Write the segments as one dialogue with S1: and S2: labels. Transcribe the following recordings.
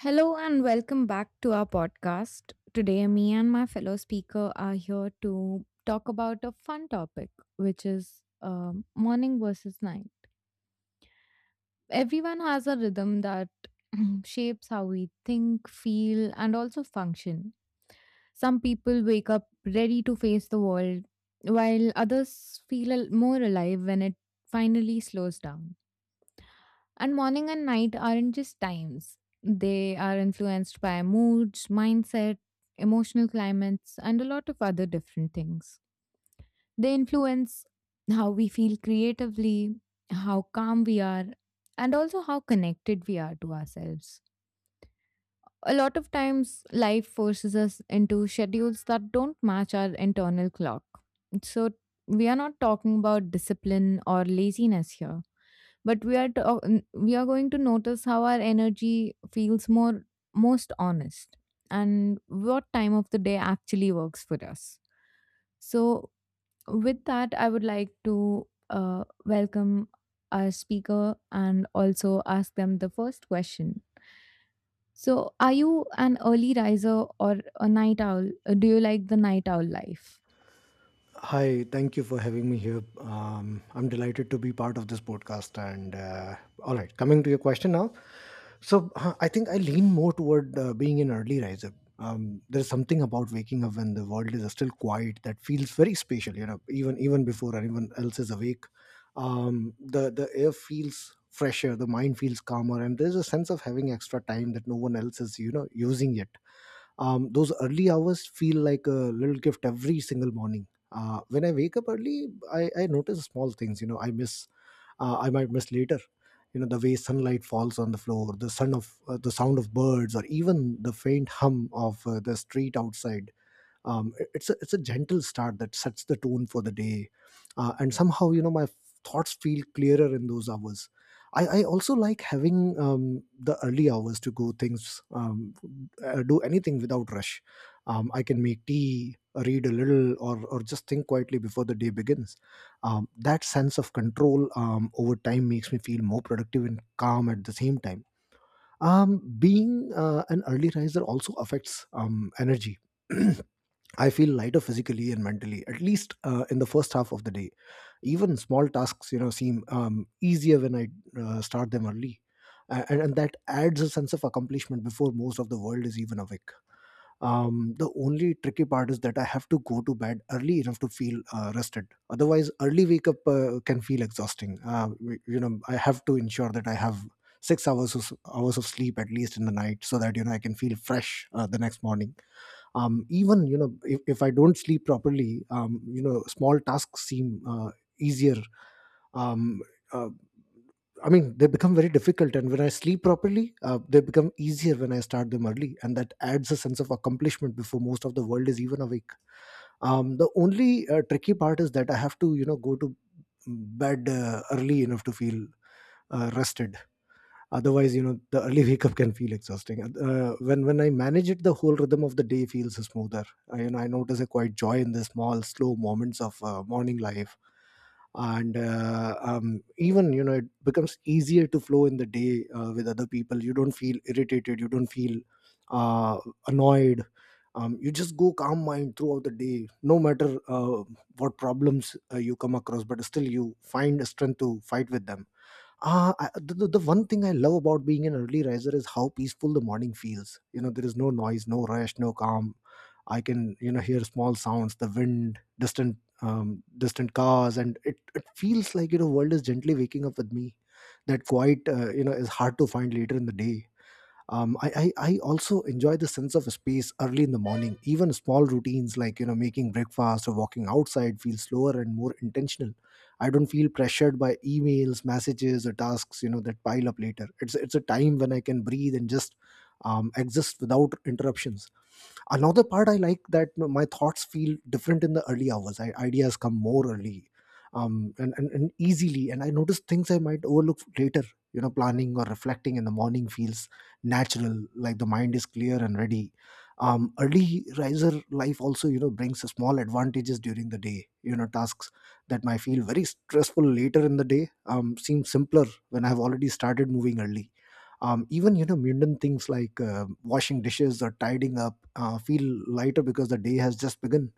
S1: Hello and welcome back to our podcast. Today, me and my fellow speaker are here to talk about a fun topic, which is morning versus night. Everyone has a rhythm that shapes how we think, feel, and also function. Some people wake up ready to face the world, while others more alive when it finally slows down, and morning and night aren't just times, they are influenced by moods, mindset, emotional climates, and a lot of other different things. They influence how we feel creatively, how calm we are, and also how connected we are to ourselves. A lot of times, life forces us into schedules that don't match our internal clock. So, we are not talking about discipline or laziness here, but we are going to notice how our energy feels more most honest and what time of the day actually works for us. So with that, I would like to welcome our speaker and also ask them the first question. So, are you an early riser or a night owl? Do you like the night owl life?
S2: Hi, thank you for having me here. I'm delighted to be part of this podcast. And All right, coming to your question now. So I think I lean more toward being an early riser. There's something about waking up when the world is still quiet that feels very special. You know, even before anyone else is awake, the air feels fresher, the mind feels calmer, and there's a sense of having extra time that no one else is using yet. Those early hours feel like a little gift every single morning when I wake up early. I notice small things, you know, I might miss later, you know, the way sunlight falls on the floor, the sound of birds, or even the faint hum of the street outside. It's a gentle start that sets the tone for the day. And somehow, you know, my thoughts feel clearer in those hours. I also like having the early hours to go things do anything without rush. I can make tea, read a little, or just think quietly before the day begins. That sense of control over time makes me feel more productive and calm at the same time. Being an early riser also affects energy. I feel lighter physically and mentally, at least in the first half of the day. Even small tasks, you know, seem easier when I start them early, and that adds a sense of accomplishment before most of the world is even awake. The only tricky part is that I have to go to bed early enough to feel rested. Otherwise, early wake up can feel exhausting. You know, I have to ensure that I have six hours of sleep at least in the night, so that, you know, I can feel fresh the next morning. Even, you know, if I don't sleep properly, you know, small tasks seem easier. um, uh, I mean, they become very difficult, and when I sleep properly, they become easier when I start them early, and that adds a sense of accomplishment before most of the world is even awake. The only tricky part is that I have to, you know, go to bed early enough to feel rested. Otherwise, you know, the early wake up can feel exhausting. When I manage it, the whole rhythm of the day feels smoother. You know, I notice a quite joy in the small slow moments of morning life. And even, you know, it becomes easier to flow in the day with other people. You don't feel irritated, you don't feel uh, annoyed. You just go calm mind throughout the day, no matter what problems you come across, but still you find strength to fight with them. Uh, I, the, the the one thing I love about being an early riser is how peaceful the morning feels. You know, there is no noise, no rush, no calm. I can, you know, hear small sounds, the wind, distant cars, and it feels like, you know, world is gently waking up with me. That quiet, you know, is hard to find later in the day. I also enjoy the sense of space early in the morning. Even small routines like, you know, making breakfast or walking outside feel slower and more intentional. I don't feel pressured by emails, messages, or tasks, you know, that pile up later. It's a time when I can breathe and just exist without interruptions. Another part I like that, you know, my thoughts feel different in the early hours. Ideas come more early and easily, and I notice things I might overlook later. You know, planning or reflecting in the morning feels natural, like the mind is clear and ready. Early riser life also, you know, brings small advantages during the day. You know, tasks that might feel very stressful later in the day seem simpler when I've already started moving early. Even, you know, mundane things like washing dishes or tidying up feel lighter because the day has just begun.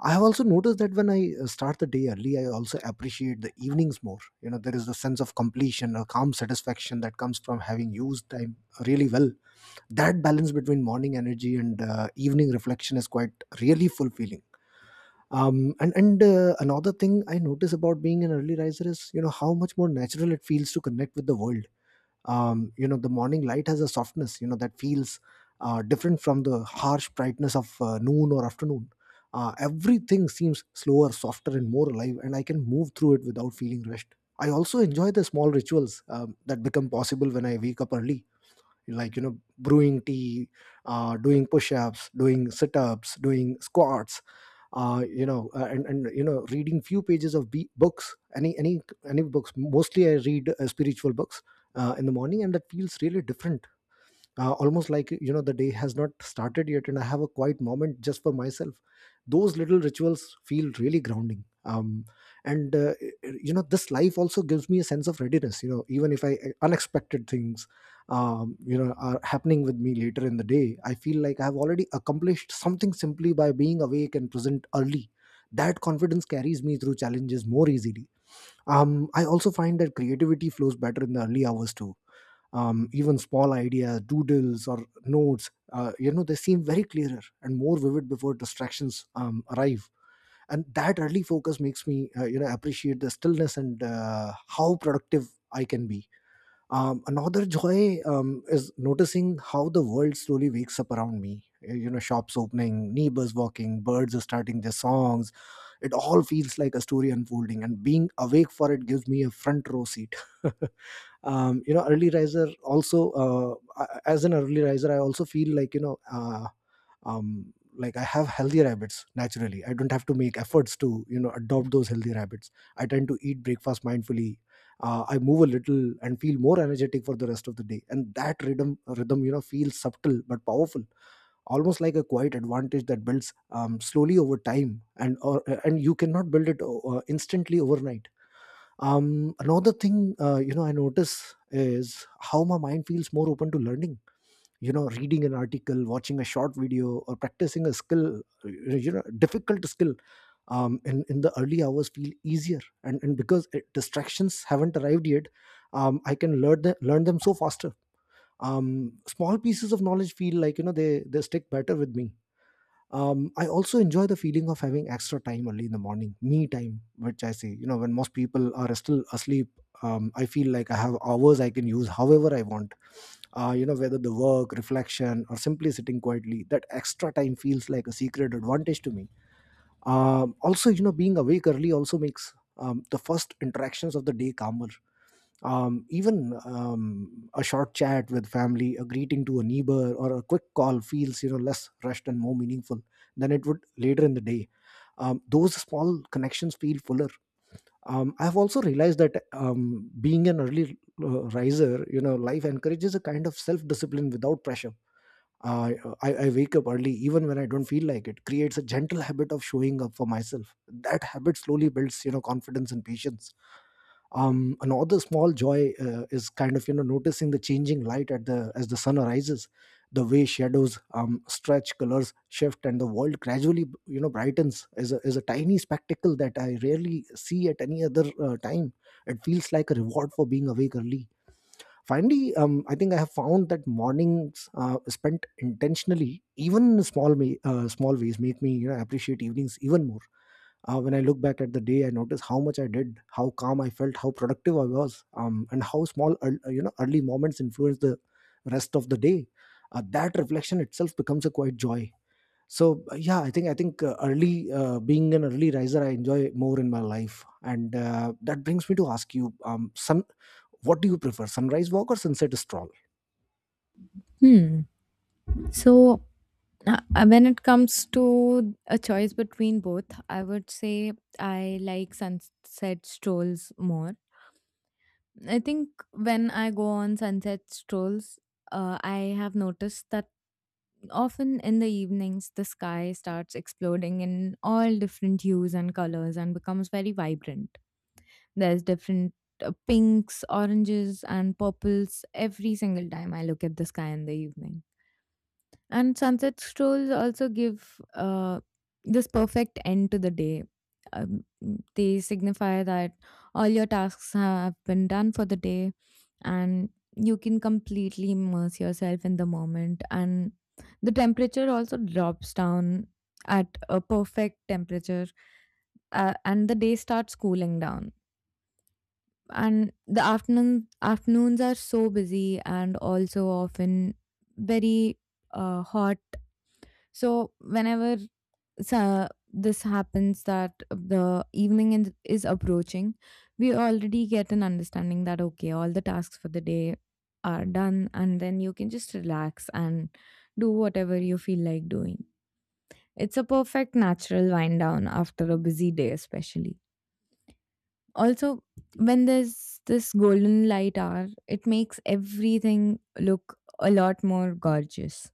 S2: I have also noticed that when I start the day early, I also appreciate the evenings more. You know, there is the sense of completion, a calm satisfaction that comes from having used time really well. That balance between morning energy and evening reflection is quite really fulfilling. And another thing I notice about being an early riser is, you know, how much more natural it feels to connect with the world. You know, the morning light has a softness, you know, that feels different from the harsh brightness of noon or afternoon. Everything seems slower, softer, and more alive, and I can move through it without feeling rushed. I also enjoy the small rituals that become possible when I wake up early, like, you know, brewing tea, doing push-ups, doing sit-ups, doing squats, and you know, reading few pages of books, any books. Mostly I read spiritual books in the morning, and that feels really different. Almost like, you know, the day has not started yet, and I have a quiet moment just for myself. Those little rituals feel really grounding, and you know, this life also gives me a sense of readiness. You know, even if I unexpected things you know, are happening with me later in the day, I feel like I have already accomplished something simply by being awake and present early. That confidence carries me through challenges more easily. I also find that creativity flows better in the early hours too. Even small ideas, doodles, or notes, you know, they seem very clearer and more vivid before distractions arrive. And that early focus makes me you know, appreciate the stillness and how productive I can be. Another joy is noticing how the world slowly wakes up around me. You know, shops opening, neighbors walking, birds are starting their songs. It all feels like a story unfolding, and being awake for it gives me a front row seat. You know early riser also a- As an early riser, I also feel like, like I have healthier habits naturally. I don't have to make efforts to, you know, adopt those healthier habits. I tend to eat breakfast mindfully. I move a little and feel more energetic for the rest of the day, and that rhythm, you know, feels subtle but powerful. Almost like a quiet advantage that builds slowly over time, and you cannot build it instantly overnight. Another thing, you know, I notice is how my mind feels more open to learning. You know, reading an article, watching a short video, or practicing a skill, you know, difficult skill, in the early hours feel easier. And because distractions haven't arrived yet, I can learn them so faster. Small pieces of knowledge feel like, you know, they stick better with me. I also enjoy the feeling of having extra time early in the morning, me time, which I say, you know, when most people are still asleep. I feel like I have hours I can use however I want. You know, whether the work, reflection, or simply sitting quietly, that extra time feels like a secret advantage to me. Also, you know, being awake early also makes the first interactions of the day calmer. Even, a short chat with family, a greeting to a neighbor, or a quick call feels, you know, less rushed and more meaningful than it would later in the day. Those small connections feel fuller. I've also realized that, being an early riser, you know, life encourages a kind of self-discipline without pressure. Uh, I wake up early even when I don't feel like it. Creates a gentle habit of showing up for myself. That habit slowly builds, confidence and patience. Another small joy is kind of noticing the changing light at the as the sun rises. The way shadows stretch, colors shift, and the world gradually, brightens is a tiny spectacle that I rarely see at any other time. It feels like a reward for being awake early. Finally, I think I have found that mornings spent intentionally, even in small ways, make me, appreciate evenings even more. When I look back at the day, I notice how much I did, how calm I felt, how productive I was, and how small ear- you know early moments influence the rest of the day. That reflection itself becomes a quite joy. Yeah, I think early being an early riser, I enjoy more in my life, and that brings me to ask you, sun, what do you prefer, sunrise walk or sunset stroll?
S1: Hmm. So when it comes to a choice between both, I would say I like sunset strolls more. I think when I go on sunset strolls, I have noticed that often in the evenings the sky starts exploding in all different hues and colors and becomes very vibrant. There's different pinks, oranges, and purples every single time I look at the sky in the evening. And sunset strolls also give this perfect end to the day. Um, they signify that all your tasks have been done for the day, and you can completely immerse yourself in the moment. And the temperature also drops down at a perfect temperature, and the day starts cooling down. And the afternoons are so busy and also often very hot. So whenever, this happens that is approaching, we already get an understanding that okay, all the tasks for the day are done, and then you can just relax and do whatever you feel like doing. It's a perfect natural wind down after a busy day, especially. Also, when there's this golden light hour, it makes everything look a lot more gorgeous.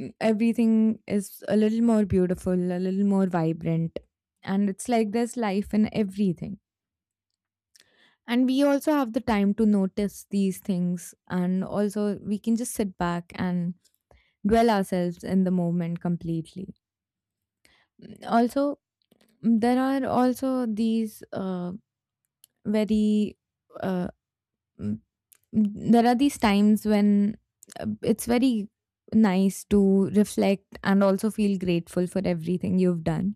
S1: Everything is a little more beautiful, a little more vibrant. And it's like there's life in everything. And we also have the time to notice these things. And also, we can just sit back and dwell ourselves in the moment completely. Also, mm, there are also these very, uh, mm, there are these times when it's very nice to reflect and also feel grateful for everything you've done.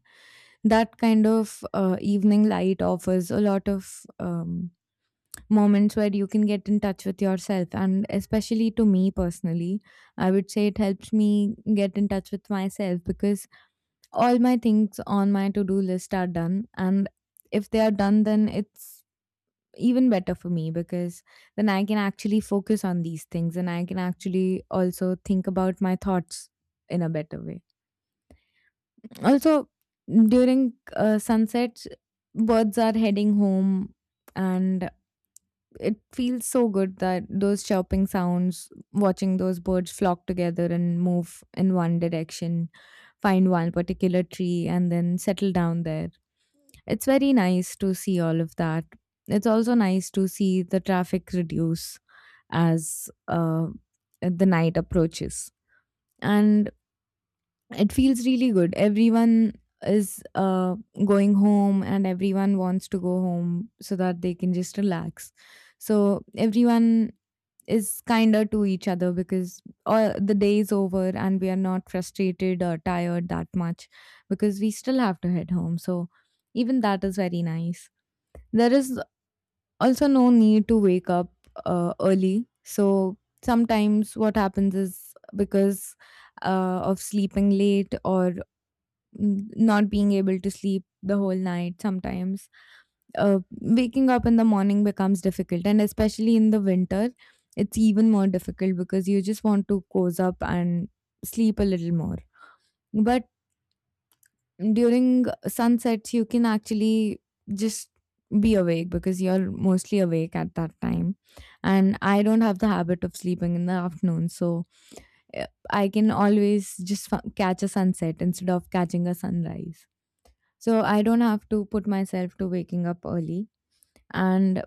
S1: That kind of evening light offers a lot of moments where you can get in touch with yourself, and especially to me personally, I would say it helps me get in touch with myself because all my things on my to-do list are done. And if they are done, then it's even better for me, because then I can actually focus on these things and I can actually also think about my thoughts in a better way. Also, during sunsets, birds are heading home, and it feels so good that those chirping sounds, watching those birds flock together and move in one direction, find one particular tree, and then settle down there. It's very nice to see all of that. It's also nice to see the traffic reduce as the night approaches. And it feels really good. Everyone is going home, and everyone wants to go home so that they can just relax. So everyone is kinder to each other because all the day is over and we are not frustrated or tired that much, because we still have to head home. So even that is very nice. There is also no need to wake up early. So sometimes what happens is, because of sleeping late or not being able to sleep the whole night, sometimes uh, waking up in the morning becomes difficult, and especially in the winter it's even more difficult because you just want to cozy up and sleep a little more. But during sunsets you can actually just be awake, because you're mostly awake at that time, and I don't have the habit of sleeping in the afternoon. So I can always just catch a sunset instead of catching a sunrise, so I don't have to put myself to waking up early. And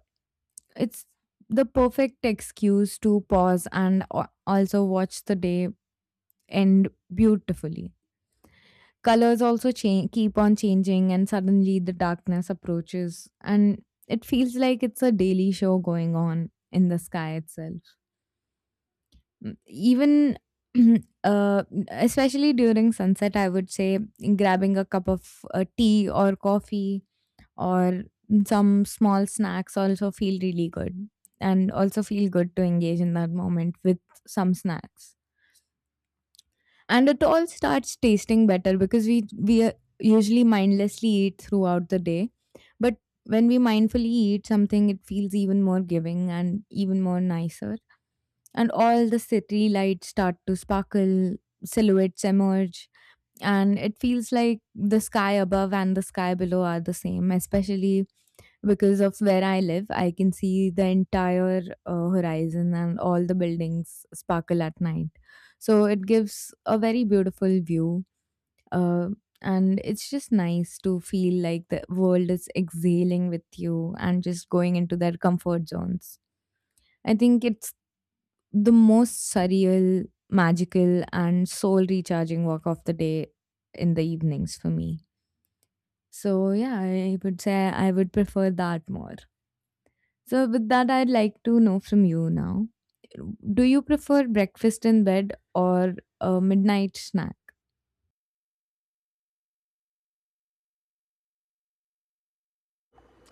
S1: it's the perfect excuse to pause and also watch the day end beautifully. Colors also change, keep on changing, and suddenly the darkness approaches, and it feels like it's a daily show going on in the sky itself. Even uh, especially during sunset, I would say grabbing a cup of tea or coffee or some small snacks also feel really good, and also feel good to engage in that moment with some snacks. And it all starts tasting better because we usually mindlessly eat throughout the day, but when we mindfully eat something it feels even more giving and even more nicer. And all the city lights start to sparkle, silhouettes emerge, and it feels like the sky above and the sky below are the same, especially because of where I live, I can see the entire horizon and all the buildings sparkle at night. So it gives a very beautiful view. Uh, and it's just nice to feel like the world is exhaling with you and just going into their comfort zones. I think it's the most surreal, magical, and soul recharging walk of the day in the evenings for me. So, yeah, I would say I would prefer that more. So, with that, I'd like to know from you now, do you prefer breakfast in bed or a midnight snack?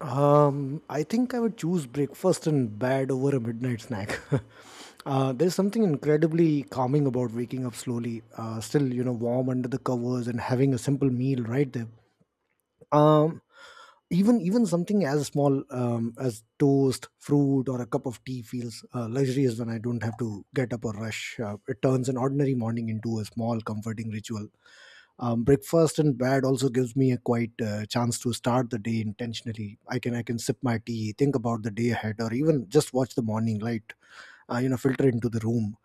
S2: I think I would choose breakfast in bed over a midnight snack. There's something incredibly calming about waking up slowly, still, warm under the covers and having a simple meal right there. Um, even something as small, as toast, fruit, or a cup of tea feels luxurious when I don't have to get up or rush. It turns an ordinary morning into a small, comforting ritual. Breakfast in bed also gives me a quiet chance to start the day intentionally. I can sip my tea, think about the day ahead, or even just watch the morning light filter into the room.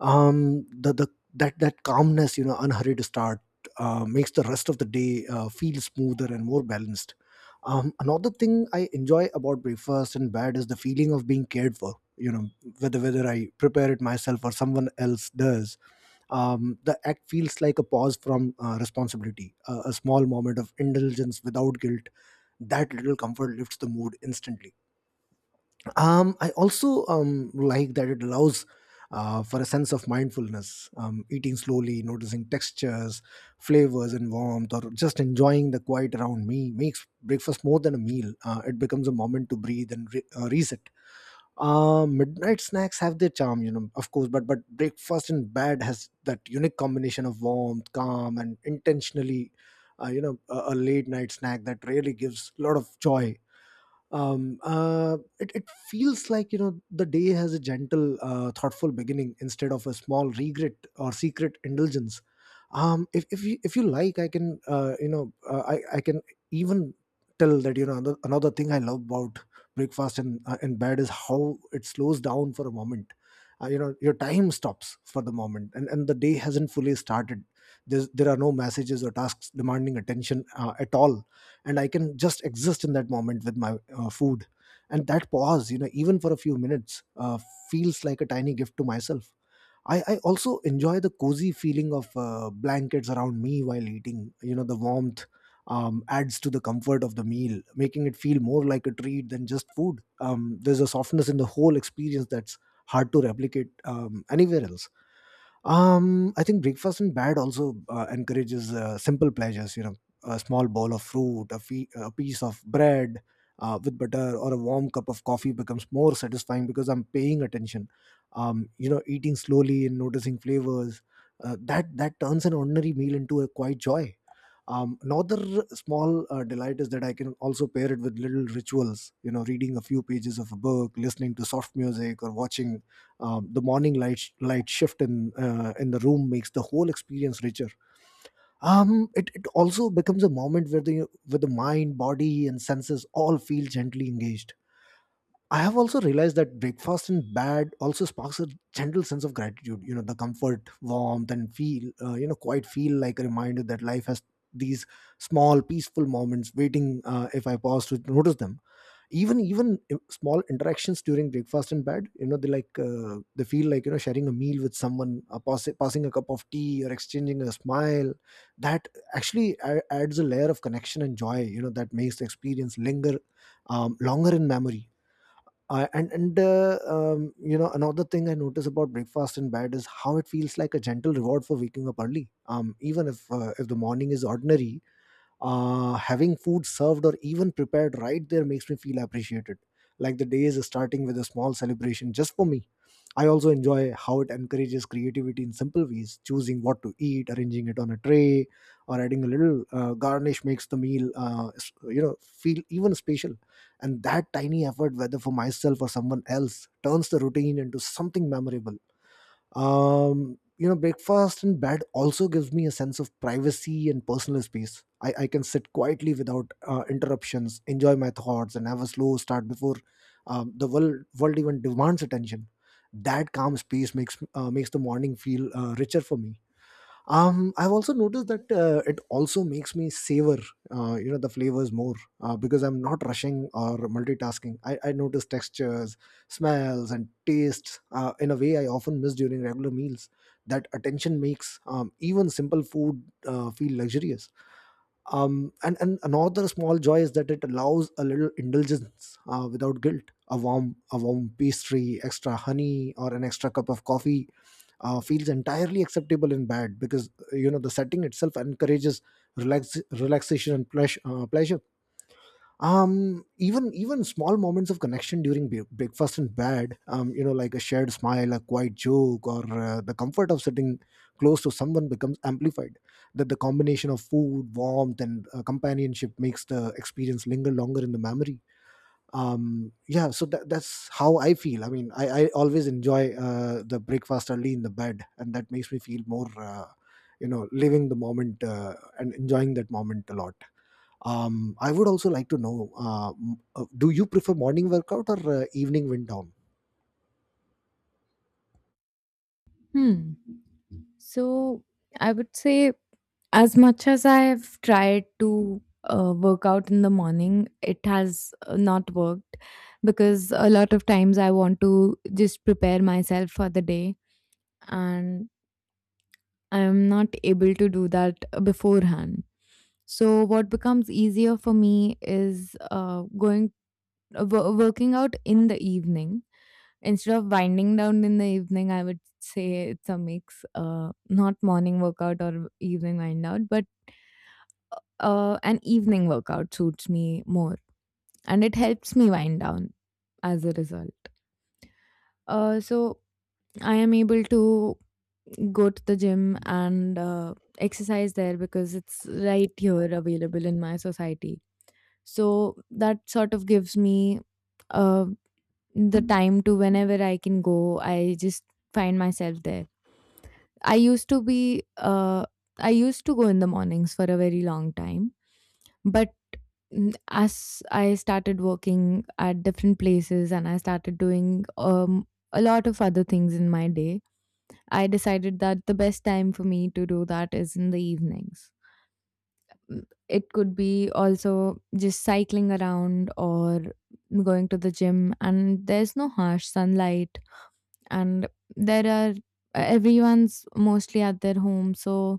S2: The that calmness, unhurried start, makes the rest of the day feel smoother and more balanced. Another thing I enjoy about breakfast and bed is the feeling of being cared for, whether I prepare it myself or someone else does. The act feels like a pause from responsibility, a small moment of indulgence without guilt. That little comfort lifts the mood instantly. I also like that it allows for a sense of mindfulness, eating slowly, noticing textures, flavors, and warmth, or just enjoying the quiet around me makes breakfast more than a meal. It becomes a moment to breathe and reset. Midnight snacks have their charm, of course, but breakfast in bed has that unique combination of warmth, calm, and intentionally, a late night snack that really gives a lot of joy. It feels like, the day has a gentle, thoughtful beginning instead of a small regret or secret indulgence. If you like, I can, I can even tell that, another thing I love about breakfast and, in bed is how it slows down for a moment. Your time stops for the moment, and the day hasn't fully started. There are no messages or tasks demanding attention at all, and I can just exist in that moment with my food. And that pause, even for a few minutes, feels like a tiny gift to myself. I also enjoy the cozy feeling of blankets around me while eating, the warmth adds to the comfort of the meal, making it feel more like a treat than just food. There's a softness in the whole experience that's hard to replicate anywhere else. I think breakfast in bed also encourages simple pleasures. You know, a small bowl of fruit, a piece of bread with butter, or a warm cup of coffee becomes more satisfying because I'm paying attention. You know, eating slowly and noticing flavors. That turns an ordinary meal into a quiet joy. Another small delight is that I can also pair it with little rituals, you know, reading a few pages of a book, listening to soft music, or watching the morning light shift in, in the room makes the whole experience richer. It also becomes a moment where the mind, body, and senses all feel gently engaged. I have also realized that breakfast in bed also sparks a gentle sense of gratitude. You know, the comfort, warmth, and feel, you know, quite feel like a reminder that life has these small, peaceful moments waiting if I pause to notice them. Even small interactions during breakfast in bed, you know, they like, they feel like, you know, sharing a meal with someone, passing a cup of tea, or exchanging a smile. That actually adds a layer of connection and joy. You know, that makes the experience linger longer in memory. I and You know, another, thing I notice about breakfast in bed is how it feels like a gentle reward for waking up early. Even if, if the morning is ordinary, having food served or even prepared right there makes me feel appreciated, like the day is starting with a small celebration just for me. I also enjoy how it encourages creativity in simple ways: choosing what to eat, arranging it on a tray, or adding a little garnish makes the meal, feel even special. And that tiny effort, whether for myself or someone else, turns the routine into something memorable. You know, breakfast in bed also gives me a sense of privacy and personal space. I can sit quietly without interruptions, enjoy my thoughts, and have a slow start before the world even demands attention. That calm space makes the morning feel richer for me. I've also noticed that it also makes me savor you know, the flavors more, because I'm not rushing or multitasking. I notice textures, smells, and tastes in a way I often miss during regular meals. That attention makes, even simple food, feel luxurious. And another small joy is that it allows a little indulgence without guilt. A warm pastry, extra honey, or an extra cup of coffee feels entirely acceptable in bed because, you know, the setting itself encourages relaxation and pleasure, pleasure. Even small moments of connection during breakfast and bed, you know, like a shared smile, a quiet joke, or the comfort of sitting close to someone, becomes amplified. That the combination of food, warmth, and companionship makes the experience linger longer in the memory. Yeah, so that's how I feel. I mean, I always enjoy the breakfast early in the bed, and that makes me feel more, you know, living the moment and enjoying that moment a lot. I would also like to know, do you prefer morning workout or evening wind down?
S1: Hmm. So, I would say, as much as I have tried to work out in the morning, it has not worked, because a lot of times I want to just prepare myself for the day and I am not able to do that beforehand. So, what becomes easier for me is going wo working out in the evening. Instead of winding down in the evening, I would say it's a mix, not morning workout or evening wind out, but an evening workout suits me more, and it helps me wind down as a result. So I am able to go to the gym and exercise there because it's right here available in my society. So that sort of gives me a the time to, whenever I can go, I just find myself there. I used to be, uh, I used to go in the mornings for a very long time, but as I started working at different places and I started doing a lot of other things in my day, I decided that the best time for me to do that is in the evenings. It could be also just cycling around or going to the gym, and there's no harsh sunlight, and there are everyone's mostly at their home, so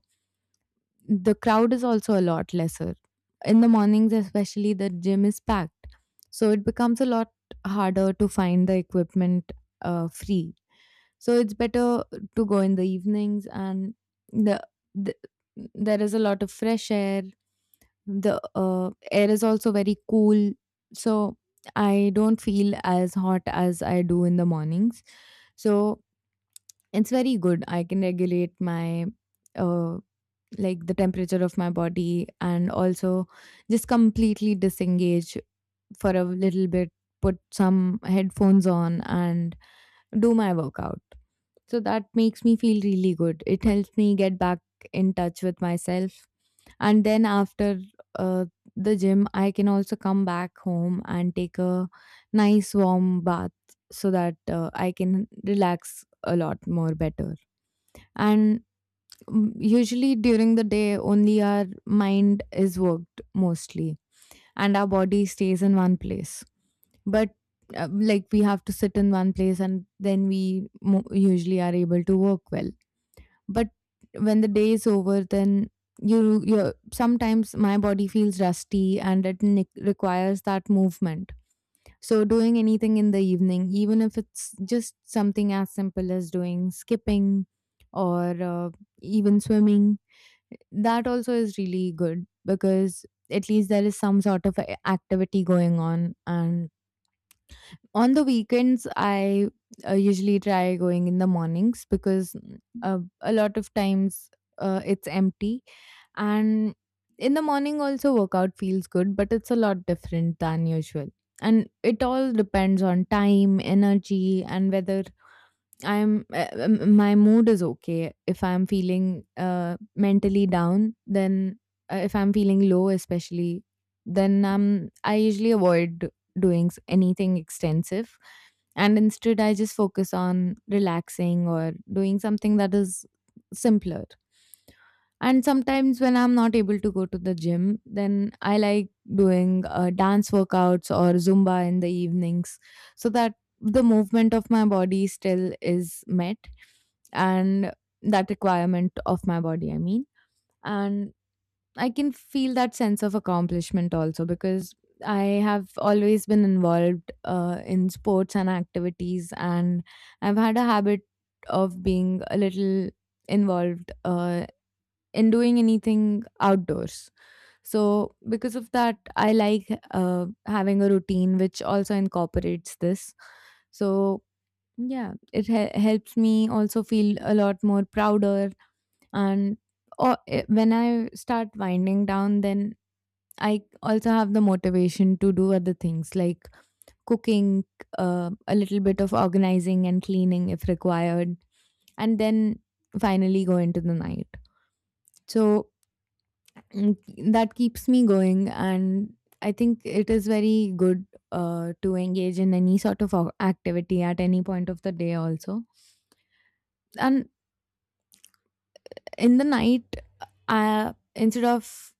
S1: the crowd is also a lot lesser. In the mornings especially, the gym is packed, so it becomes a lot harder to find the equipment free. So it's better to go in the evenings. And the, the there is a lot of fresh air, the air is also very cool, so I don't feel as hot as I do in the mornings. So it's very good. I can regulate my uh like the temperature of my body, and also just completely disengage for a little bit, put some headphones on and do my workout. So that makes me feel really good. It helps me get back in touch with myself. And then after uh, the gym, I can also come back home and take a nice warm bath, so that I can relax a lot more better. And usually during the day only our mind is worked mostly and our body stays in one place. But like we have to sit in one place and then we usually are able to work well. But when the day is over, then you sometimes, my body feels rusty and it requires that movement. So doing anything in the evening, even if it's just something as simple as doing skipping or uh, even swimming, that also is really good, because at least there is some sort of activity going on. And on the weekends, I usually try going in the mornings because a lot of times it's empty. And in the morning also, workout feels good, but it's a lot different than usual. And it all depends on time, energy, and whether I'm my mood is okay. If I'm feeling mentally down, then if I'm feeling low, especially, then I usually avoid anything extensive, and instead I just focus on relaxing or doing something that is simpler. And sometimes when I'm not able to go to the gym, then I like doing dance workouts or Zumba in the evenings, so that the movement of my body still is met and that requirement of my body, I mean. And I can feel that sense of accomplishment also because I have always been involved in sports and activities, and I've had a habit of being a little involved in doing anything outdoors. So, because of that, I like having a routine which also incorporates this. So, yeah, helps me also feel a lot more prouder. And or, eh, when I start winding down, then I also have the motivation to do other things like cooking, a little bit of organizing and cleaning if required, and then finally go into the night. So mm, that keeps me going. And I think it is very good to engage in any sort of activity at any point of the day, also. And in the night, I instead of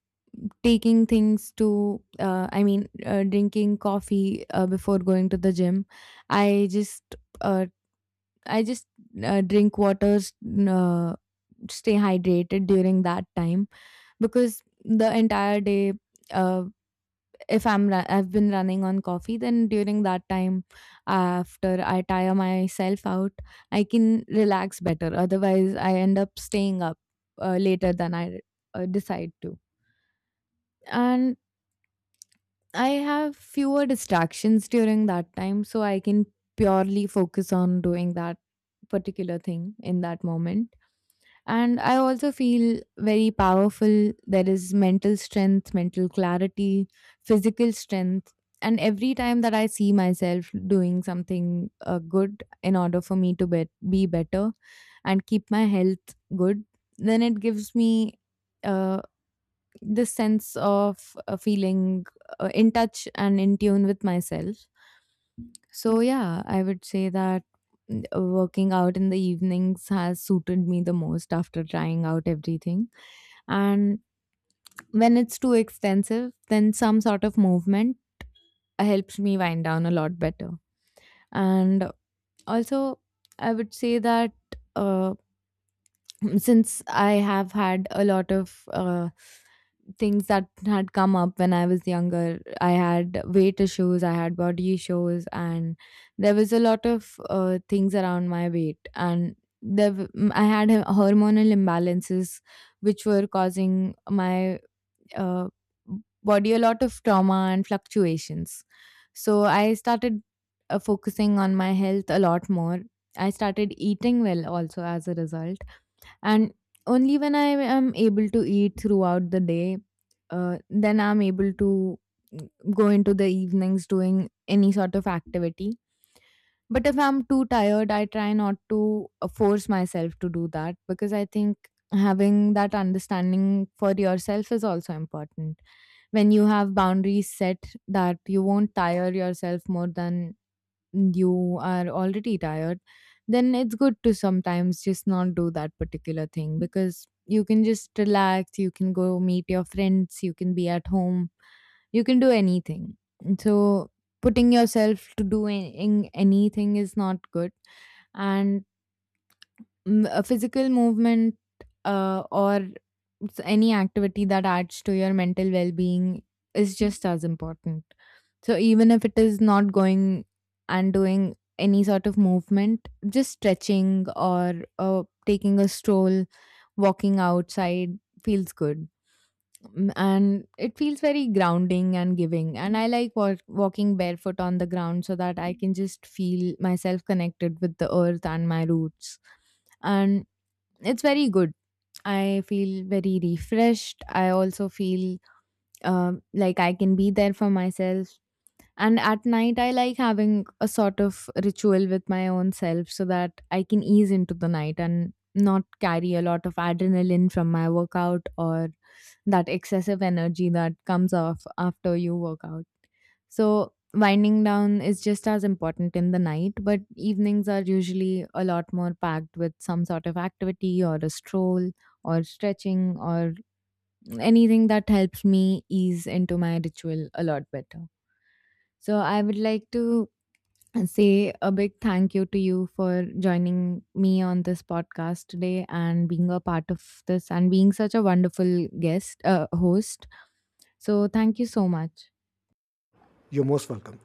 S1: taking things to drinking coffee before going to the gym, i just uh, I just drink waters, uh, stay hydrated during that time. Because the entire day, uh, if I've been running on coffee, then during that time, after I tire myself out, I can relax better. Otherwise, I end up staying up later than I decide to. And I have fewer distractions during that time, so I can purely focus on doing that particular thing in that moment. And I also feel very powerful. There is mental strength, mental clarity, physical strength. And every time that I see myself doing something good in order for me to be better and keep my health good, then it gives me. Uh, this sense of feeling in touch and in tune with myself. So yeah, I would say that working out in the evenings has suited me the most after trying out everything. And when it's too extensive, then some sort of movement helps me wind down a lot better. And also, I would say that uh, since I have had a lot of things that had come up when I was younger, I had weight issues, I had body issues, and there was a lot of things around my weight. And I had hormonal imbalances which were causing my uh, body a lot of trauma and fluctuations. So I started focusing on my health a lot more. I started eating well also as a result, and only when I am able to eat throughout the day, then I'm able to go into the evenings doing any sort of activity. But if I'm too tired, I try not to force myself to do that because I think having that understanding for yourself is also important. When you have boundaries set that you won't tire yourself more than you are already tired, then it's good to sometimes just not do that particular thing because you can just relax, you can go meet your friends, you can be at home, you can do anything. So, putting yourself to do in anything is not good. And a physical movement, or any activity that adds to your mental well-being is just as important. So even if it is not going and doing any sort of movement, just stretching or taking a stroll, walking outside feels good. And it feels very grounding and giving. And I like walking barefoot on the ground so that I can just feel myself connected with the earth and my roots. And it's very good. I feel very refreshed. I also feel like I can be there for myself. And at night, I like having a sort of ritual with my own self so that I can ease into the night and not carry a lot of adrenaline from my workout or that excessive energy that comes off after you work out. So, winding down is just as important in the night, but evenings are usually a lot more packed with some sort of activity or a stroll or stretching or anything that helps me ease into my ritual a lot better. So, I would like to say a big thank you to you for joining me on this podcast today and being a part of this and being such a wonderful guest, host. So, thank you so much.
S2: You're most welcome.